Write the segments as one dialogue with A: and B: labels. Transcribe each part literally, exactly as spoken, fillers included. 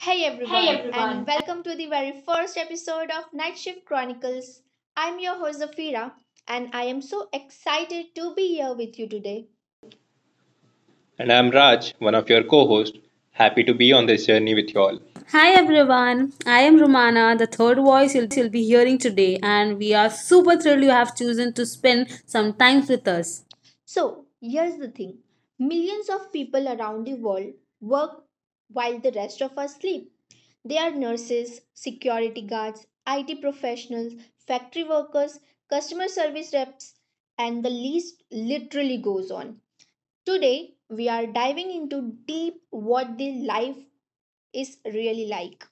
A: Hey everyone, and welcome to the very first episode of Night Shift Chronicles. I'm your host Zafira, and I am so excited to be here with you today.
B: And I'm Raj, one of your co hosts. Happy to be on this journey with you all.
C: Hi everyone, I am Romana, the third voice you'll be hearing today, and we are super thrilled you have chosen to spend some time with us.
A: So, here's the thing, millions of people around the world work while the rest of us sleep. They are nurses, security guards, I T professionals, factory workers, customer service reps, and the list literally goes on. Today, we are diving into deep what the life is really like.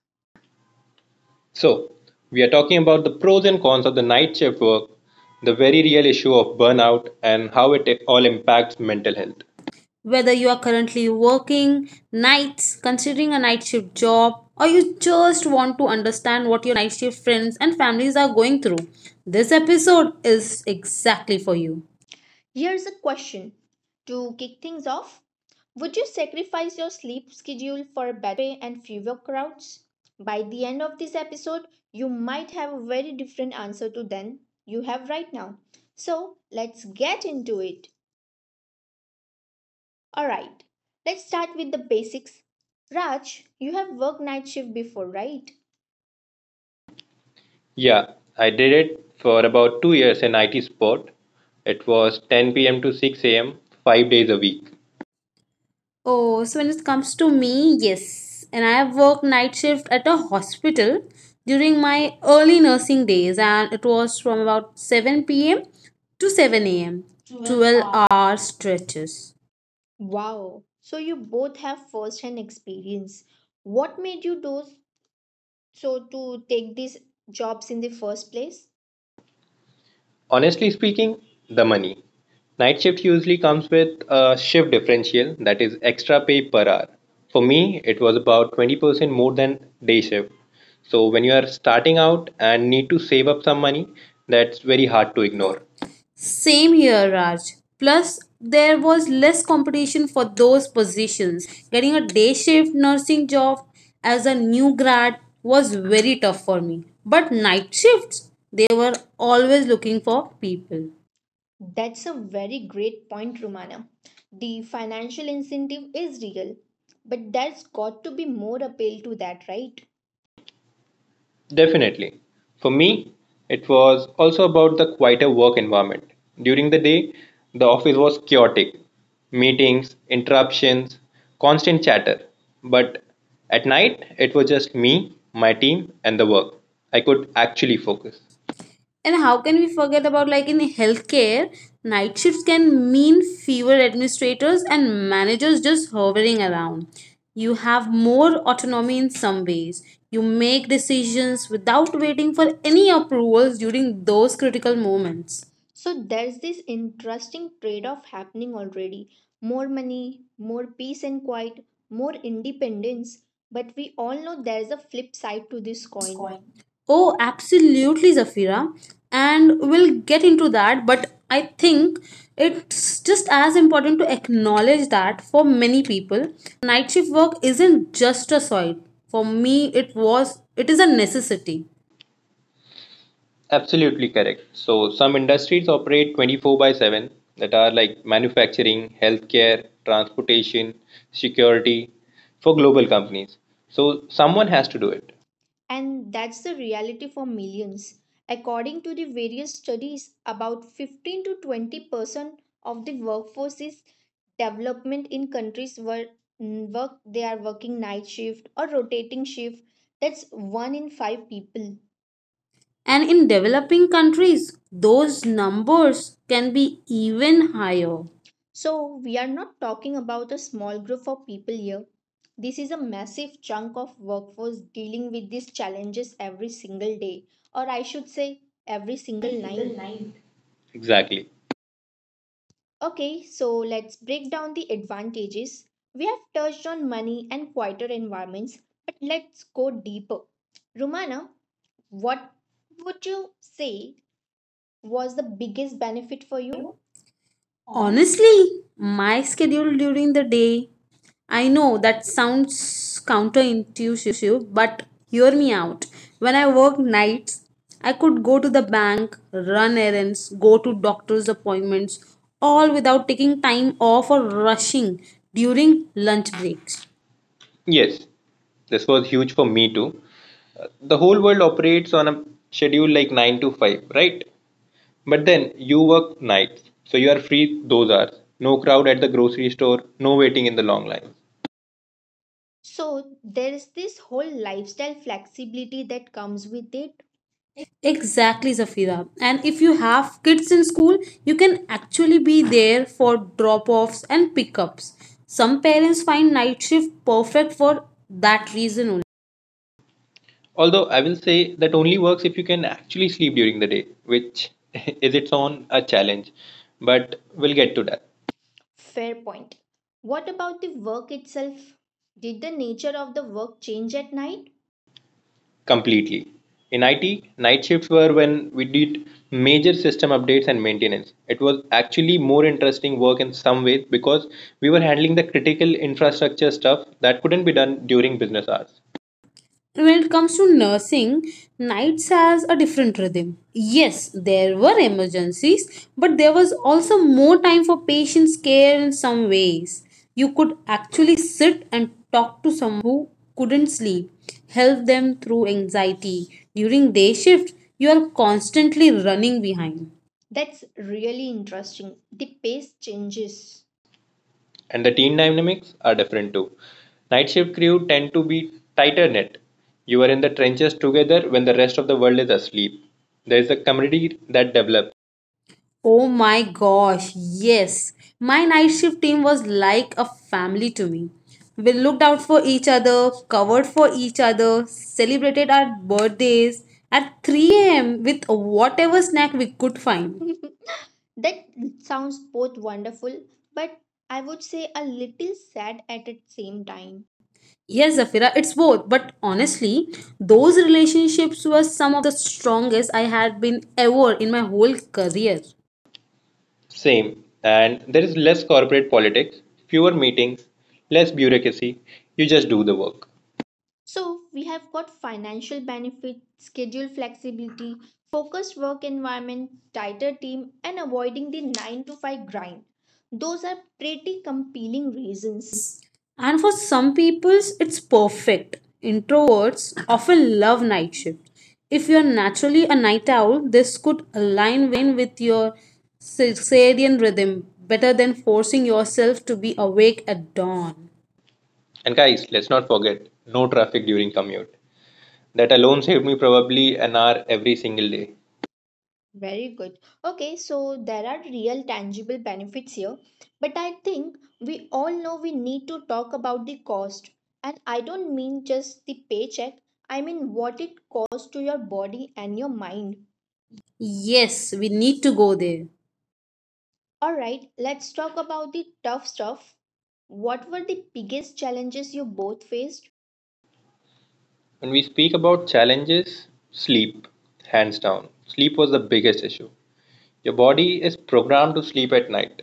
B: So, we are talking about the pros and cons of the night shift work, the very real issue of burnout, and how it all impacts mental health.
C: Whether you are currently working nights, considering a night shift job, or you just want to understand what your night shift friends and families are going through, this episode is exactly for you.
A: Here's a question to kick things off: would you sacrifice your sleep schedule for better pay and fewer crowds? By the end of this episode, you might have a very different answer to than you have right now. So let's get into it. Alright, let's start with the basics. Raj, you have worked night shift before, right?
B: Yeah, I did it for about two years in I T support. It was ten p m to six a m, five days a week.
C: Oh, so when it comes to me, yes. And I have worked night shift at a hospital during my early nursing days, and it was from about seven p m to seven a m twelve hour stretches.
A: Wow. So you both have first hand experience. What made you do so to take these jobs in the first place?
B: Honestly speaking, the money. Night shift usually comes with a shift differential that is extra pay per hour. For me, it was about twenty percent more than day shift. So when you are starting out and need to save up some money, that's very hard to ignore.
C: Same here, Raj. Plus, there was less competition for those positions. Getting a day shift nursing job as a new grad was very tough for me. But night shifts, they were always looking for people.
A: That's a very great point, Romana. The financial incentive is real, but there's got to be more appeal to that, right?
B: Definitely. For me, it was also about the quieter work environment. During the day, the office was chaotic meetings, interruptions, constant chatter. But at night, it was just me, my team, and the work. I could actually focus.
C: And how can we forget about like in healthcare, night shifts can mean fewer administrators and managers just hovering around. You have more autonomy in some ways. You make decisions without waiting for any approvals during those critical moments.
A: So there's this interesting trade off happening already: more money, more peace and quiet, more independence. But we all know there's a flip side to this coin.
C: Oh, absolutely, Zafira. And we'll get into that, but I think it's just as important to acknowledge that for many people, night shift work isn't just a choice. For me, it was it is a necessity.
B: Absolutely correct. So, some industries operate twenty-four by seven that are like manufacturing, healthcare, transportation, security for global companies. So, someone has to do it.
A: And that's the reality for millions. According to the various studies, about fifteen to twenty percent of the workforce is development in countries where mm, work they are working night shift or rotating shift. That's one in five people.
C: And in developing countries, those numbers can be even higher.
A: So we are not talking about a small group of people here. This is a massive chunk of workforce dealing with these challenges every single day, or I should say every single night.
B: Exactly.
A: Okay, so let's break down the advantages. We have touched on money and quieter environments, but let's go deeper. Romana, what would you say was the biggest benefit for you?
C: Honestly, my schedule during the day. I know that sounds counterintuitive, but hear me out. When I work nights, I could go to the bank, run errands, go to doctor's appointments, all without taking time off or rushing during lunch breaks.
B: Yes, this was huge for me too. The whole world operates on a schedule like nine to five, right? But then you work nights, so you are free those hours. No crowd at the grocery store, no waiting in the long lines.
A: So, there is this whole lifestyle flexibility that comes with it.
C: Exactly, Zafira. And if you have kids in school, you can actually be there for drop offs and pickups. Some parents find night shift perfect for that reason.
B: Although I will say that only works if you can actually sleep during the day, which is its own a challenge, but we'll get to that.
A: Fair point. What about the work itself? Did the nature of the work change at night?
B: Completely. In I T, night shifts were when we did major system updates and maintenance. It was actually more interesting work in some ways because we were handling the critical infrastructure stuff that couldn't be done during business hours.
C: When it comes to nursing, nights has a different rhythm. Yes, there were emergencies, but there was also more time for patients' care in some ways. You could actually sit and talk to someone who couldn't sleep, help them through anxiety. During day shift, you are constantly running behind.
A: That's really interesting. The pace changes.
B: And the team dynamics are different too. Night shift crew tend to be tighter knit. You are in the trenches together when the rest of the world is asleep. There is a community that develops.
C: Oh my gosh, yes. My night shift team was like a family to me. We looked out for each other, covered for each other, celebrated our birthdays at three a m with whatever snack we could find.
A: That sounds both wonderful, but I would say a little sad at the same time.
C: Yes, Zafira, it's both, but honestly, those relationships were some of the strongest I had been ever in my whole career.
B: Same. And there is less corporate politics, fewer meetings, less bureaucracy. You just do the work.
A: So, we have got financial benefit, schedule flexibility, focused work environment, tighter team, and avoiding the nine to five grind. Those are pretty compelling reasons.
C: And for some peoples, it's perfect. Introverts often love night shift. If you're naturally a night owl, this could align with your circadian rhythm better than forcing yourself to be awake at dawn.
B: And guys, let's not forget no traffic during commute. That alone saved me probably an hour every single day.
A: Very good. Okay, so there are real tangible benefits here, but I think we all know we need to talk about the cost. And I don't mean just the paycheck, I mean what it costs to your body and your mind.
C: Yes, we need to go there.
A: All right, let's talk about the tough stuff. What were the biggest challenges you both faced?
B: When we speak about challenges, sleep, hands down. Sleep was the biggest issue. Your body is programmed to sleep at night.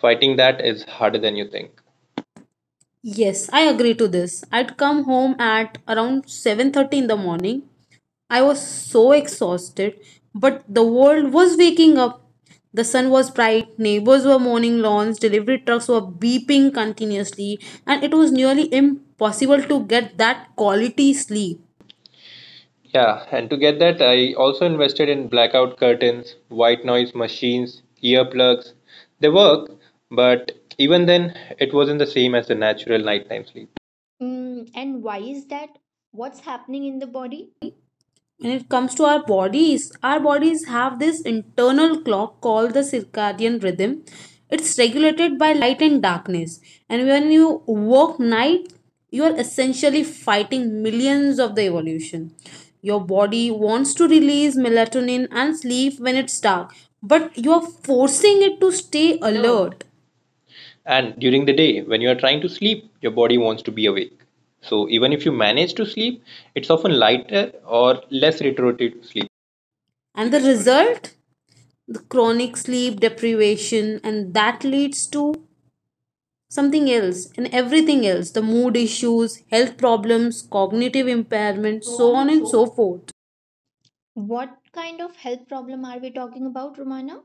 B: Fighting that is harder than you think.
C: Yes, I agree to this. I'd come home at around seven thirty in the morning. I was so exhausted, but the world was waking up. The sun was bright, neighbors were mowing lawns, delivery trucks were beeping continuously, and it was nearly impossible to get that quality sleep.
B: Yeah, and to get that, I also invested in blackout curtains, white noise machines, earplugs. They work, but even then, it wasn't the same as the natural nighttime sleep.
A: Mm, and why is that? What's happening in the body?
C: When it comes to our bodies, our bodies have this internal clock called the circadian rhythm. It's regulated by light and darkness, and when you work night, you are essentially fighting millions of the evolution. Your body wants to release melatonin and sleep when it's dark, but you are forcing it to stay alert.
B: And during the day, when you are trying to sleep, your body wants to be awake. So even if you manage to sleep, it's often lighter or less restorative sleep.
C: And the result, the chronic sleep deprivation, and that leads to something else and everything else, the mood issues, health problems, cognitive impairment, so on and so forth.
A: What kind of health problem are we talking about, Romana?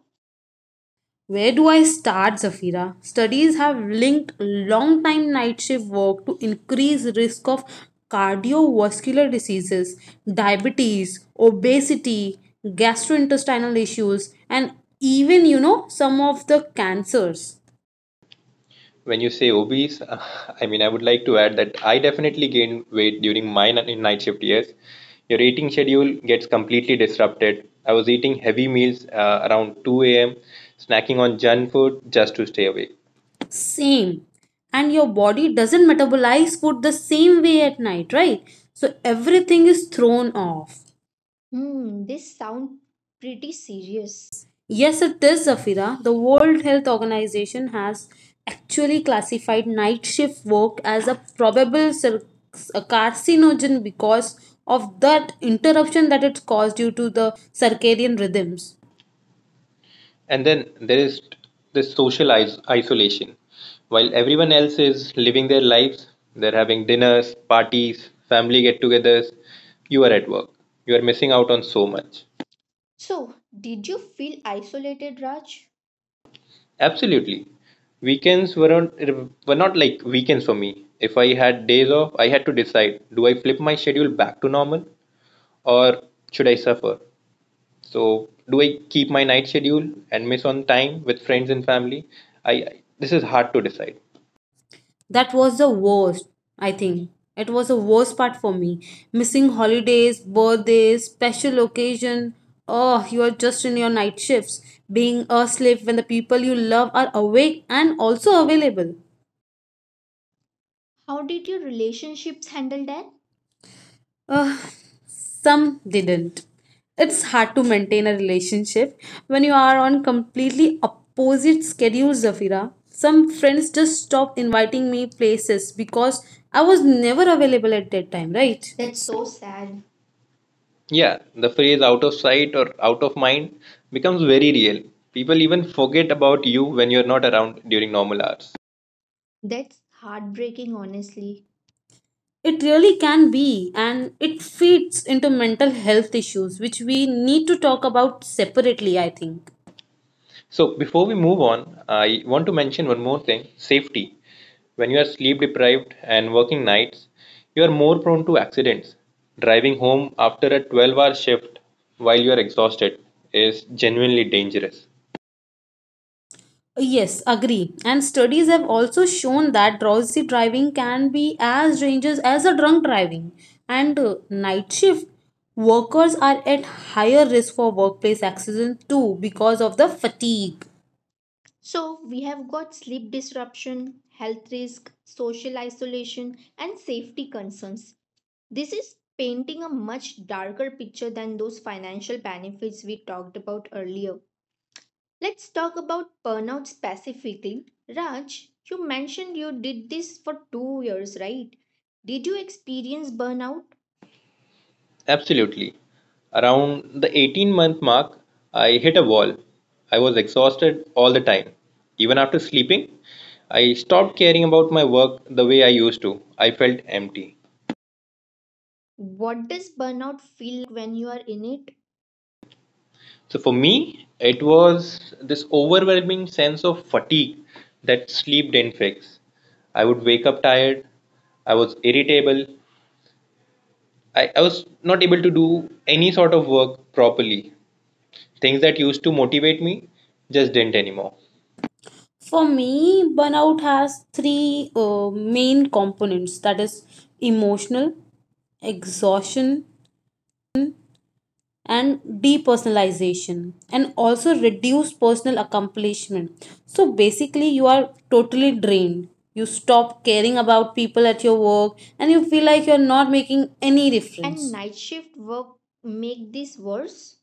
C: Where do I start, Zafira? Studies have linked long time night shift work to increased risk of cardiovascular diseases, diabetes, obesity, gastrointestinal issues, and even you know some of the cancers.
B: When you say obese, I mean, I would like to add that I definitely gained weight during my ni- night shift years. Your eating schedule gets completely disrupted. I was eating heavy meals uh, around two a m, snacking on junk food just to stay awake.
C: Same. And your body doesn't metabolize food the same way at night, right? So everything is thrown off.
A: Hmm, this sounds pretty serious.
C: Yes, it is, Zafira. The World Health Organization has actually classified night shift work as a probable cer- a carcinogen because of that interruption that it's caused due to the circadian rhythms.
B: And then there is this social is- isolation. While everyone else is living their lives, they're having dinners, parties, family get togethers, you are at work. You are missing out on so much.
A: So, did you feel isolated, Raj?
B: Absolutely. Weekends weren't were not like weekends for me. If I had days off, I had to decide, do I flip my schedule back to normal or should I suffer? So, do I keep my night schedule and miss on time with friends and family? I I- this is hard to decide.
C: That was the worst, I think. It was the worst part for me. Missing holidays, birthdays, special occasion. Oh, you are just in your night shifts, being a slave when the people you love are awake and also available.
A: How did your relationships handle that?
C: Ugh, some didn't. It's hard to maintain a relationship when you are on completely opposite schedules, Zafira. Some friends just stopped inviting me places because I was never available at that time, right?
A: That's so sad.
B: Yeah, the phrase out of sight or out of mind becomes very real. People even forget about you when you're not around during normal hours.
A: That's heartbreaking, honestly.
C: It really can be, and it feeds into mental health issues, which we need to talk about separately, I think.
B: So before we move on, I want to mention one more thing safety. When you are sleep deprived and working nights, you are more prone to accidents. Driving home after a twelve hour shift while you are exhausted is genuinely dangerous.
C: Yes, agree. And studies have also shown that drowsy driving can be as dangerous as a drunk driving. And uh, night shift workers are at higher risk for workplace accidents too because of the fatigue.
A: So, we have got sleep disruption, health risk, social isolation, and safety concerns. This is painting a much darker picture than those financial benefits we talked about earlier. Let's talk about burnout specifically. Raj, you mentioned you did this for two years, right? Did you experience burnout?
B: Absolutely. Around the eighteen month mark, I hit a wall. I was exhausted all the time. Even after sleeping, I stopped caring about my work the way I used to. I felt empty.
A: What does burnout feel like when you are in it?
B: So for me, it was this overwhelming sense of fatigue that sleep didn't fix. I would wake up tired, I was irritable, I, I was not able to do any sort of work properly. Things that used to motivate me just didn't anymore.
C: For me, burnout has three uh, main components, that is, emotional, exhaustion and depersonalization and also reduce personal accomplishment. So basically you are totally drained, you stop caring about people at your work, and you feel like you're not making any
A: And
C: difference.
A: night shift work make this worse?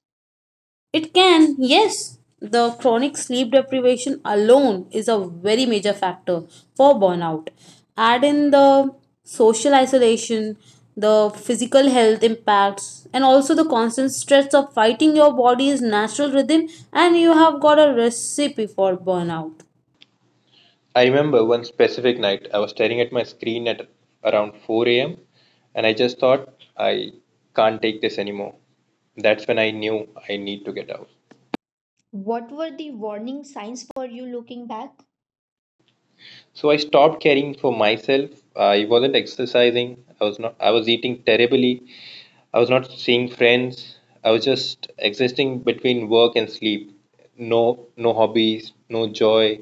C: It can, yes. The chronic sleep deprivation alone is a very major factor for burnout. Add in the social isolation, the physical health impacts, and also the constant stress of fighting your body's natural rhythm, and you have got a recipe for burnout.
B: I remember one specific night I was staring at my screen at around four a m and I just thought I can't take this anymore. That's when I knew I need to get out.
A: What were the warning signs for you looking back?
B: So I stopped caring for myself. I wasn't exercising. I was not. I was eating terribly. I was not seeing friends. I was just existing between work and sleep. No, no hobbies, no joy,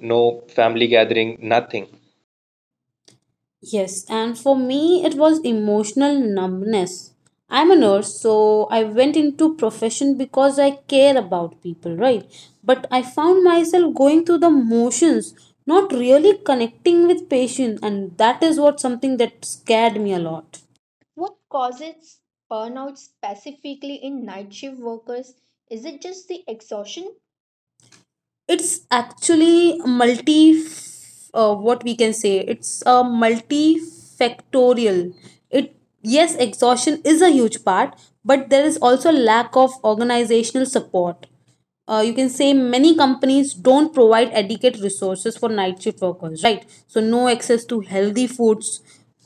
B: no family gathering, nothing.
C: Yes, and for me, it was emotional numbness. I'm a nurse, so I went into profession because I care about people, right? But I found myself going through the motions, not really connecting with patients, and that is what something that scared me a lot.
A: What causes burnout specifically in night shift workers? Is it just the exhaustion?
C: It's actually multi uh, what we can say, it's a multifactorial it. Yes, exhaustion is a huge part, but there is also lack of organizational support. Uh, you can say many companies don't provide adequate resources for night shift workers, right? So no access to healthy foods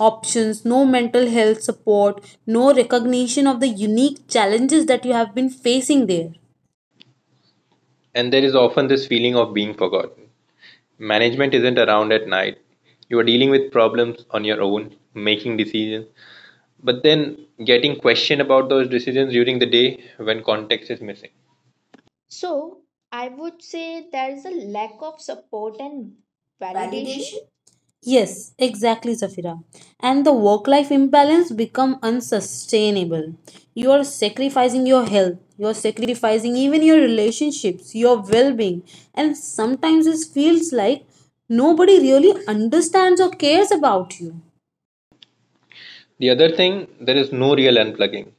C: options, no mental health support, no recognition of the unique challenges that you have been facing there.
B: And there is often this feeling of being forgotten. Management isn't around at night. You are dealing with problems on your own, making decisions, but then getting questioned about those decisions during the day when context is missing.
A: So, I would say there is a lack of support and validation.
C: Yes, exactly, Zafira. And the work life imbalance become unsustainable. You are sacrificing your health, you are sacrificing even your relationships, your well-being, and sometimes it feels like nobody really understands or cares about you.
B: The other thing, there is no real unplugging.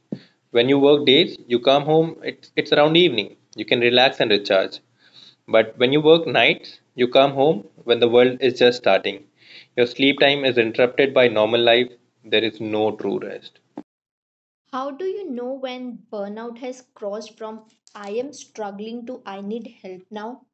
B: When you work days, you come home, it's, it's around evening. You can relax and recharge. But when you work nights, you come home when the world is just starting. Your sleep time is interrupted by normal life. There is no true rest.
A: How do you know when burnout has crossed from I am struggling to I need help now?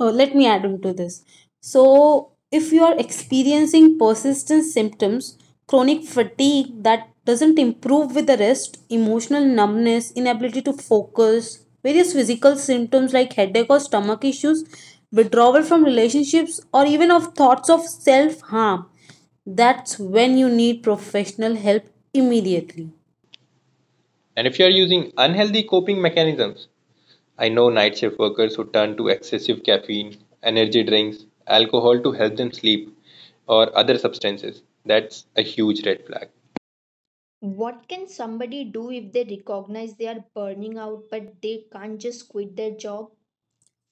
C: uh, let me add into this. So, if you are experiencing persistent symptoms, chronic fatigue that doesn't improve with the rest, emotional numbness, inability to focus, various physical symptoms like headache or stomach issues, withdrawal from relationships, or even of thoughts of self harm, that's when you need professional help immediately.
B: And if you are using unhealthy coping mechanisms, I know night shift workers who turn to excessive caffeine, energy drinks, alcohol to help them sleep, or other substances. That's a huge red flag.
A: What can somebody do if they recognize they are burning out but they can't just quit their job?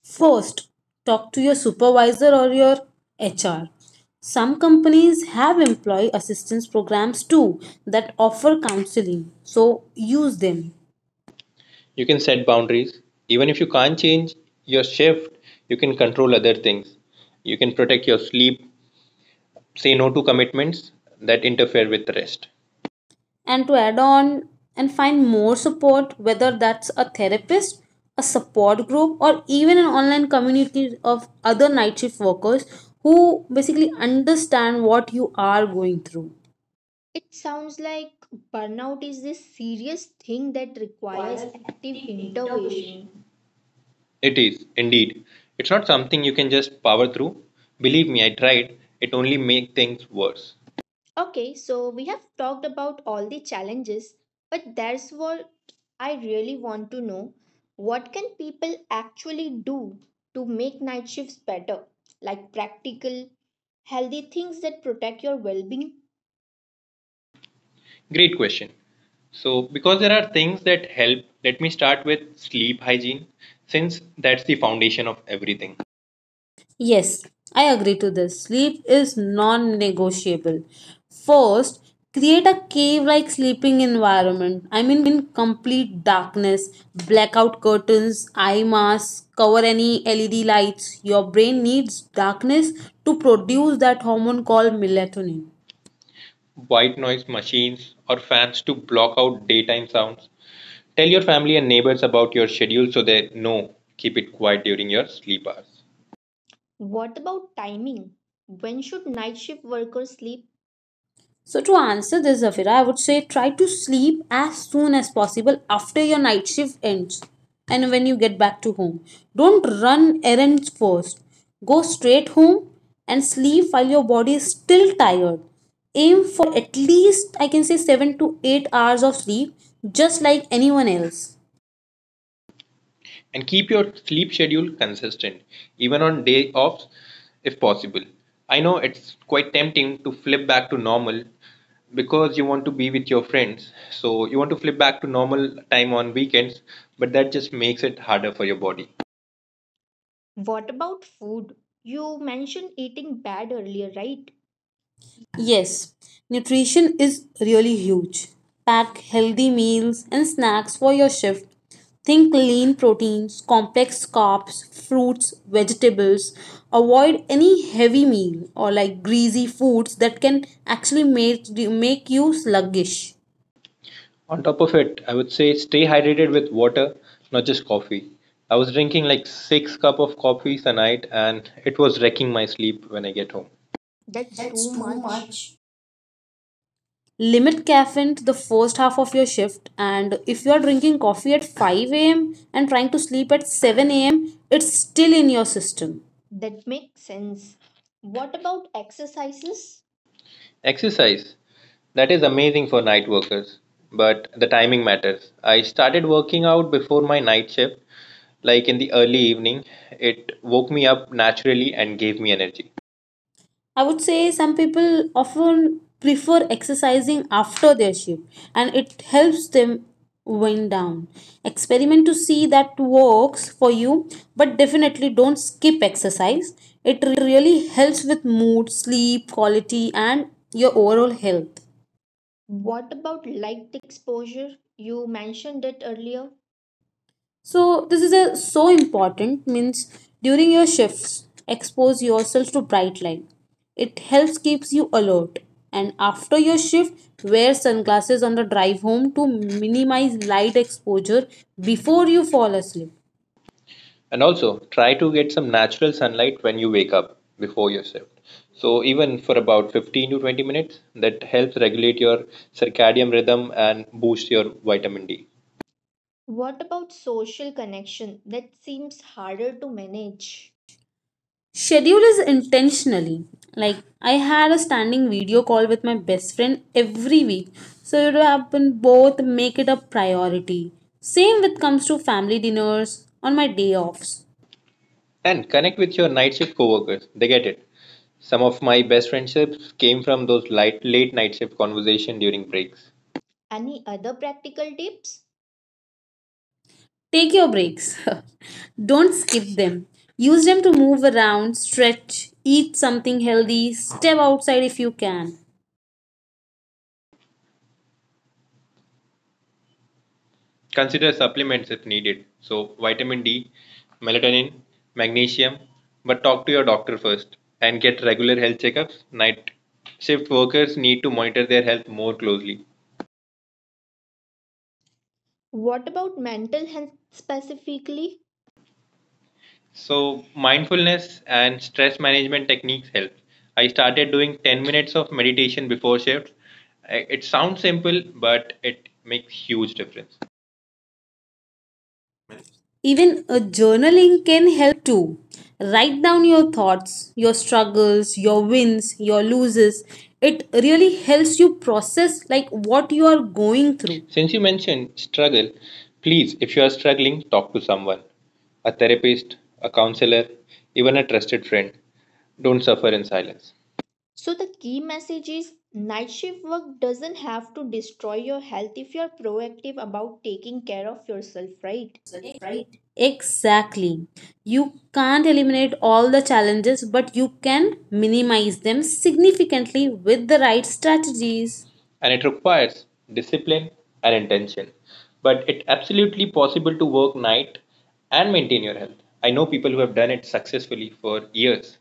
C: First, talk to your supervisor or your H R. Some companies have employee assistance programs too that offer counseling, so use them.
B: You can set boundaries. Even if you can't change your shift, you can control other things. You can protect your sleep, say no to commitments that interfere with rest.
C: And to add on and find more support, whether that's a therapist, a support group, or even an online community of other night shift workers who basically understand what you are going through.
A: It sounds like burnout is this serious thing that requires active intervention.
B: It is, indeed. It's not something you can just power through. Believe me, I tried. It only makes things worse.
A: Okay, so we have talked about all the challenges, but there's what I really want to know. What can people actually do to make night shifts better? Like practical, healthy things that protect your well being?
B: Great question. So, because there are things that help, let me start with sleep hygiene, since that's the foundation of everything.
C: Yes, I agree to this. Sleep is non negotiable. First, create a cave like sleeping environment. I mean, complete darkness, blackout curtains, eye masks, cover any L E D lights. Your brain needs darkness to produce that hormone called melatonin.
B: White noise machines or fans to block out daytime sounds. Tell your family and neighbors about your schedule so they know. Keep it quiet during your sleep hours.
A: What about timing? When should night shift workers sleep?
C: So, to answer this, Zafira, I would say try to sleep as soon as possible after your night shift ends and when you get back to home. Don't run errands first. Go straight home and sleep while your body is still tired. Aim for at least, I can say, seven to eight hours of sleep, just like anyone else.
B: And keep your sleep schedule consistent, even on day offs if possible. I know it's quite tempting to flip back to normal because you want to be with your friends. So you want to flip back to normal time on weekends, but that just makes it harder for your body.
A: What about food? You mentioned eating bad earlier, right?
C: Yes, nutrition is really huge. Pack healthy meals and snacks for your shift. Think lean proteins, complex carbs, fruits, vegetables. Avoid any heavy meal or like greasy foods that can actually make, make you sluggish.
B: On top of it, I would say stay hydrated with water, not just coffee. I was drinking like six cup of coffees a night, and it was wrecking my sleep when I get home.
A: That's too much.
C: Limit caffeine to the first half of your shift, and if you are drinking coffee at five a m and trying to sleep at seven a m, it's still in your system.
A: That makes sense. What about exercises?
B: Exercise, that is amazing for night workers, but the timing matters. I started working out before my night shift, like in the early evening. It woke me up naturally and gave me energy.
C: I would say some people often prefer exercising after their shift and it helps them wind down. Experiment to see that works for you, but definitely don't skip exercise. It really helps with mood, sleep, quality, and your overall health.
A: What about light exposure? You mentioned it earlier.
C: So this is a so important means. During your shifts, expose yourself to bright light, it helps keeps you alert. And after your shift, wear sunglasses on the drive home to minimize light exposure before you fall asleep.
B: And also try to get some natural sunlight when you wake up before your shift. So even for about fifteen to twenty minutes, that helps regulate your circadian rhythm and boost your vitamin D.
A: What about social connection? That seems harder to manage.
C: Schedule is intentionally, like I had a standing video call with my best friend every week so it happen. Both make it a priority, same with comes to family dinners on my day offs.
B: And connect with your night shift coworkers. They get it. Some of my best friendships came from those light, late night shift conversation during breaks.
A: Any other practical tips?
C: Take your breaks. Don't skip them. Use them to move around, stretch, eat something healthy, step outside if you can.
B: Consider supplements if needed. So, vitamin D, melatonin, magnesium, but talk to your doctor first and get regular health checkups. Night shift workers need to monitor their health more closely.
A: What about mental health specifically?
B: So, mindfulness and stress management techniques help. I started doing ten minutes of meditation before shifts. I- It sounds simple, but it makes huge difference.
C: Even a journaling can help too. Write down your thoughts, your struggles, your wins, your loses. It really helps you process like what you are going through.
B: Since you mentioned struggle, please, if you are struggling, talk to someone a therapist, a counselor, even a trusted friend. Don't suffer in silence.
A: So, the key message is night shift work doesn't have to destroy your health if you're proactive about taking care of yourself, right?
C: Exactly. You can't eliminate all the challenges, but you can minimize them significantly with the right strategies.
B: And it requires discipline and intention. But it's absolutely possible to work night and maintain your health. I know people who have done it successfully for years.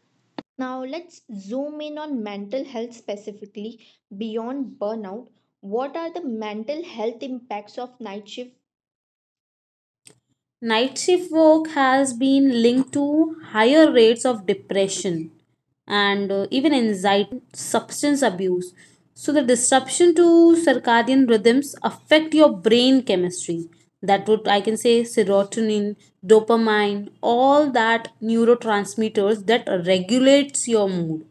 A: Now, let's zoom in on mental health specifically beyond burnout. What are the mental health impacts of night shift?
C: Night shift work has been linked to higher rates of depression and uh, even anxiety and substance abuse. So the disruption to circadian rhythms affect your brain chemistry. That would I can say serotonin, dopamine, all that neurotransmitters that regulates your mood.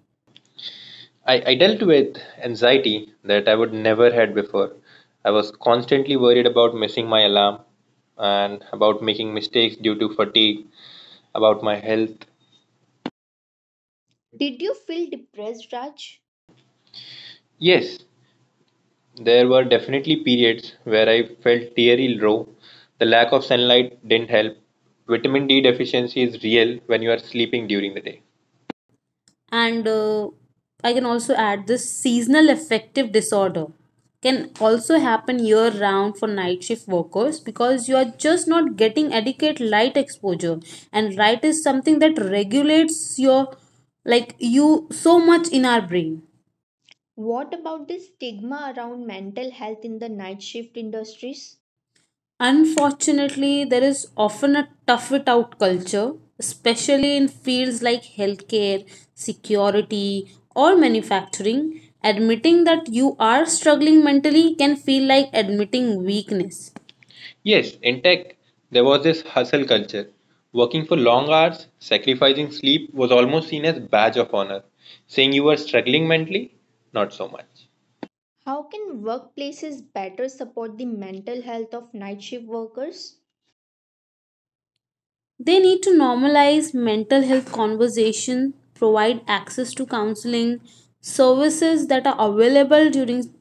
B: I, I dealt with anxiety that I would never had before. I was constantly worried about missing my alarm and about making mistakes due to fatigue about my health.
A: Did you feel depressed, Raj?
B: Yes, there were definitely periods where I felt teary low. The lack of sunlight didn't help. Vitamin D deficiency is real when you are sleeping during the day.
C: and uh, i can also add this, seasonal affective disorder can also happen year round for night shift workers because you are just not getting adequate light exposure, and light is something that regulates your like you so much in our brain.
A: What about the stigma around mental health in the night shift industries?
C: Unfortunately, there is often a tough it out culture, especially in fields like healthcare, security, or manufacturing. Admitting that you are struggling mentally can feel like admitting weakness.
B: Yes, in tech, there was this hustle culture. Working for long hours, sacrificing sleep was almost seen as badge of honor, saying you were struggling mentally, not so much.
A: How can workplaces better support the mental health of night shift workers?
C: They need to normalize mental health conversation, provide access to counseling, services that are available during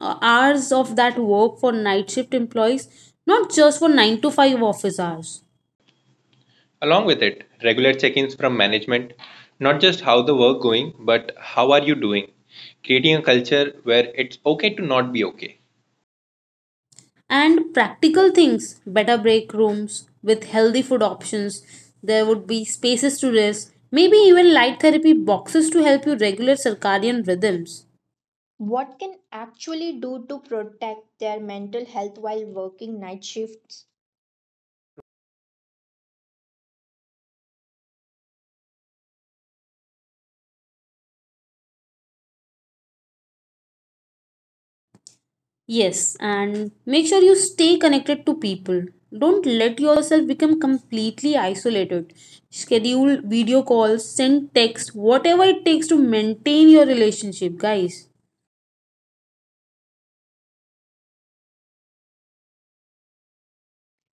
C: uh, hours of that work for night shift employees, not just for nine to five office hours.
B: Along with it, regular check-ins from management, not just how the work going, but how are you doing? Creating a culture where it's okay to not be okay.
C: And practical things, better break rooms with healthy food options, there would be spaces to rest, maybe even light therapy boxes to help you regulate circadian rhythms.
A: What can actually do to protect their mental health while working night shifts?
C: Yes, and make sure you stay connected to people. Don't let yourself become completely isolated. Schedule video calls, send text, whatever it takes to maintain your relationship, guys.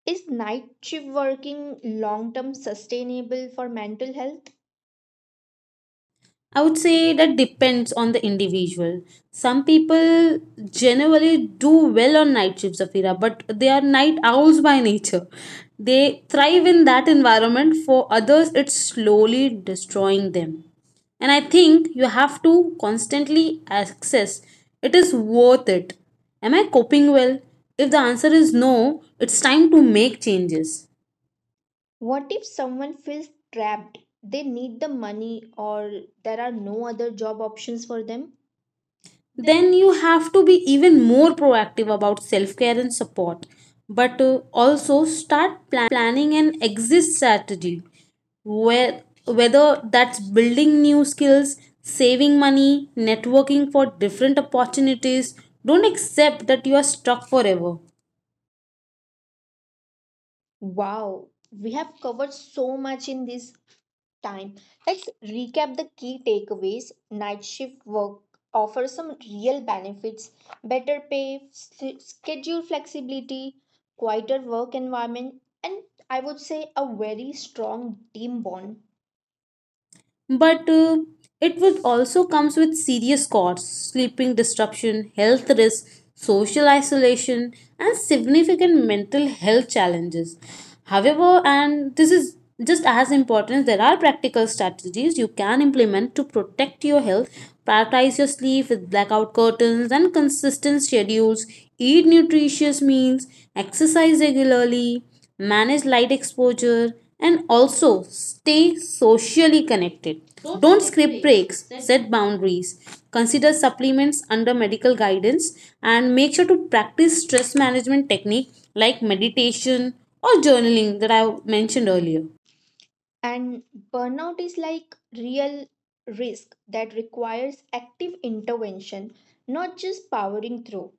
A: Is night shift working long term sustainable for mental health?
C: I would say that depends on the individual. Some people generally do well on night shifts, Zafira, but they are night owls by nature. They thrive in that environment. For others, it's slowly destroying them. And I think you have to constantly access it is worth it. Am I coping well? If the answer is no, it's time to make changes.
A: What if someone feels trapped? They need the money or there are no other job options for them?
C: Then you have to be even more proactive about self care and support. But uh, also start planning an exit strategy, where, whether that's building new skills, saving money, networking for different opportunities. Don't accept that you are stuck forever.
A: Wow, we have covered so much in this time. Let's recap the key takeaways. Night shift work offers some real benefits: better pay, s- schedule flexibility, quieter work environment, and I would say a very strong team bond.
C: but uh, it would also comes with serious costs, sleeping disruption, health risks, social isolation, and significant mental health challenges. However, and this is just as important, there are practical strategies you can implement to protect your health. Prioritize your sleep with blackout curtains and consistent schedules, eat nutritious meals, exercise regularly, manage light exposure, and also stay socially connected. Don't skip breaks, set boundaries, consider supplements under medical guidance, and make sure to practice stress management technique like meditation or journaling that I mentioned earlier.
A: And burnout is like real risk that requires active intervention, not just powering through.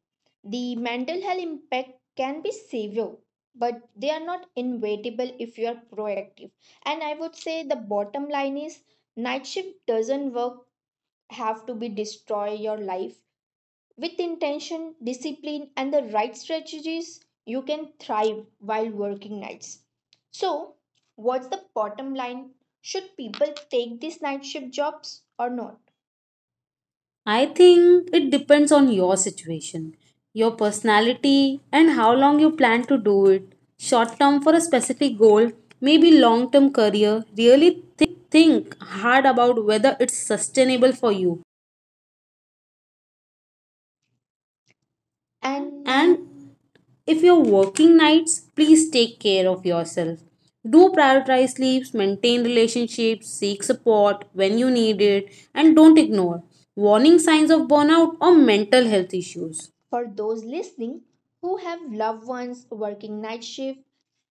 A: The mental health impact can be severe, but they are not inevitable if you are proactive. And I would say the bottom line is night shift doesn't work have to be destroy your life. With intention, discipline, and the right strategies, you can thrive while working nights. So, what's the bottom line? Should people take these night shift jobs or not?
C: I think it depends on your situation, your personality, and how long you plan to do it. Short term for a specific goal, maybe long term career. Really think hard about whether it's sustainable for you.
A: And
C: And if you're working nights, please take care of yourself. Do prioritize sleeps, maintain relationships, seek support when you need it, and don't ignore warning signs of burnout or mental health issues.
A: for those listening who have loved ones working night shift,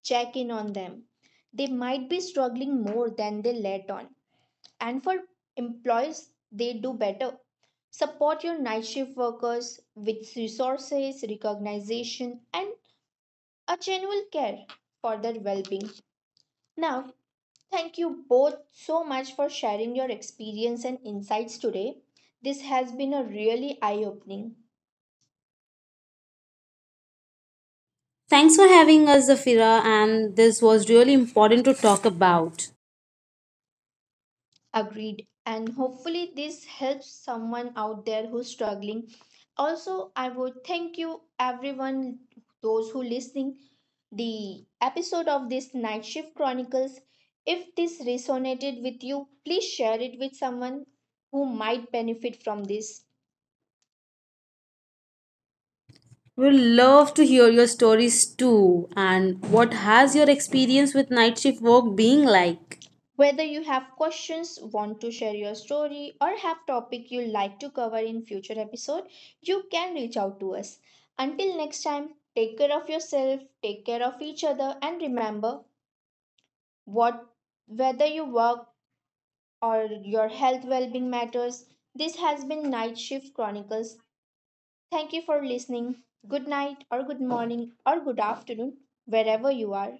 A: check in on them. They might be struggling more than they let on. And for employees, they do better. Support your night shift workers with resources, recognition, and a genuine care for their well being. Now, thank you both so much for sharing your experience and insights today. This has been a really eye opening.
C: Thanks for having us, Zafira, and this was really important to talk about.
A: Agreed. And hopefully, this helps someone out there who's struggling. Also, I would thank you, everyone, those who listening. The episode of this Night Shift Chronicles. If this resonated with you, please share it with someone who might benefit from this.
C: We'd love to hear your stories too, and what has your experience with night shift work being like?
A: Whether you have questions, want to share your story, or have topic you'd like to cover in future episode, you can reach out to us. Until next time, take care of yourself, take care of each other, and remember what whether you work or your health well-being matters. This has been Night Shift Chronicles. Thank you for listening. Good night or good morning or good afternoon, wherever you are.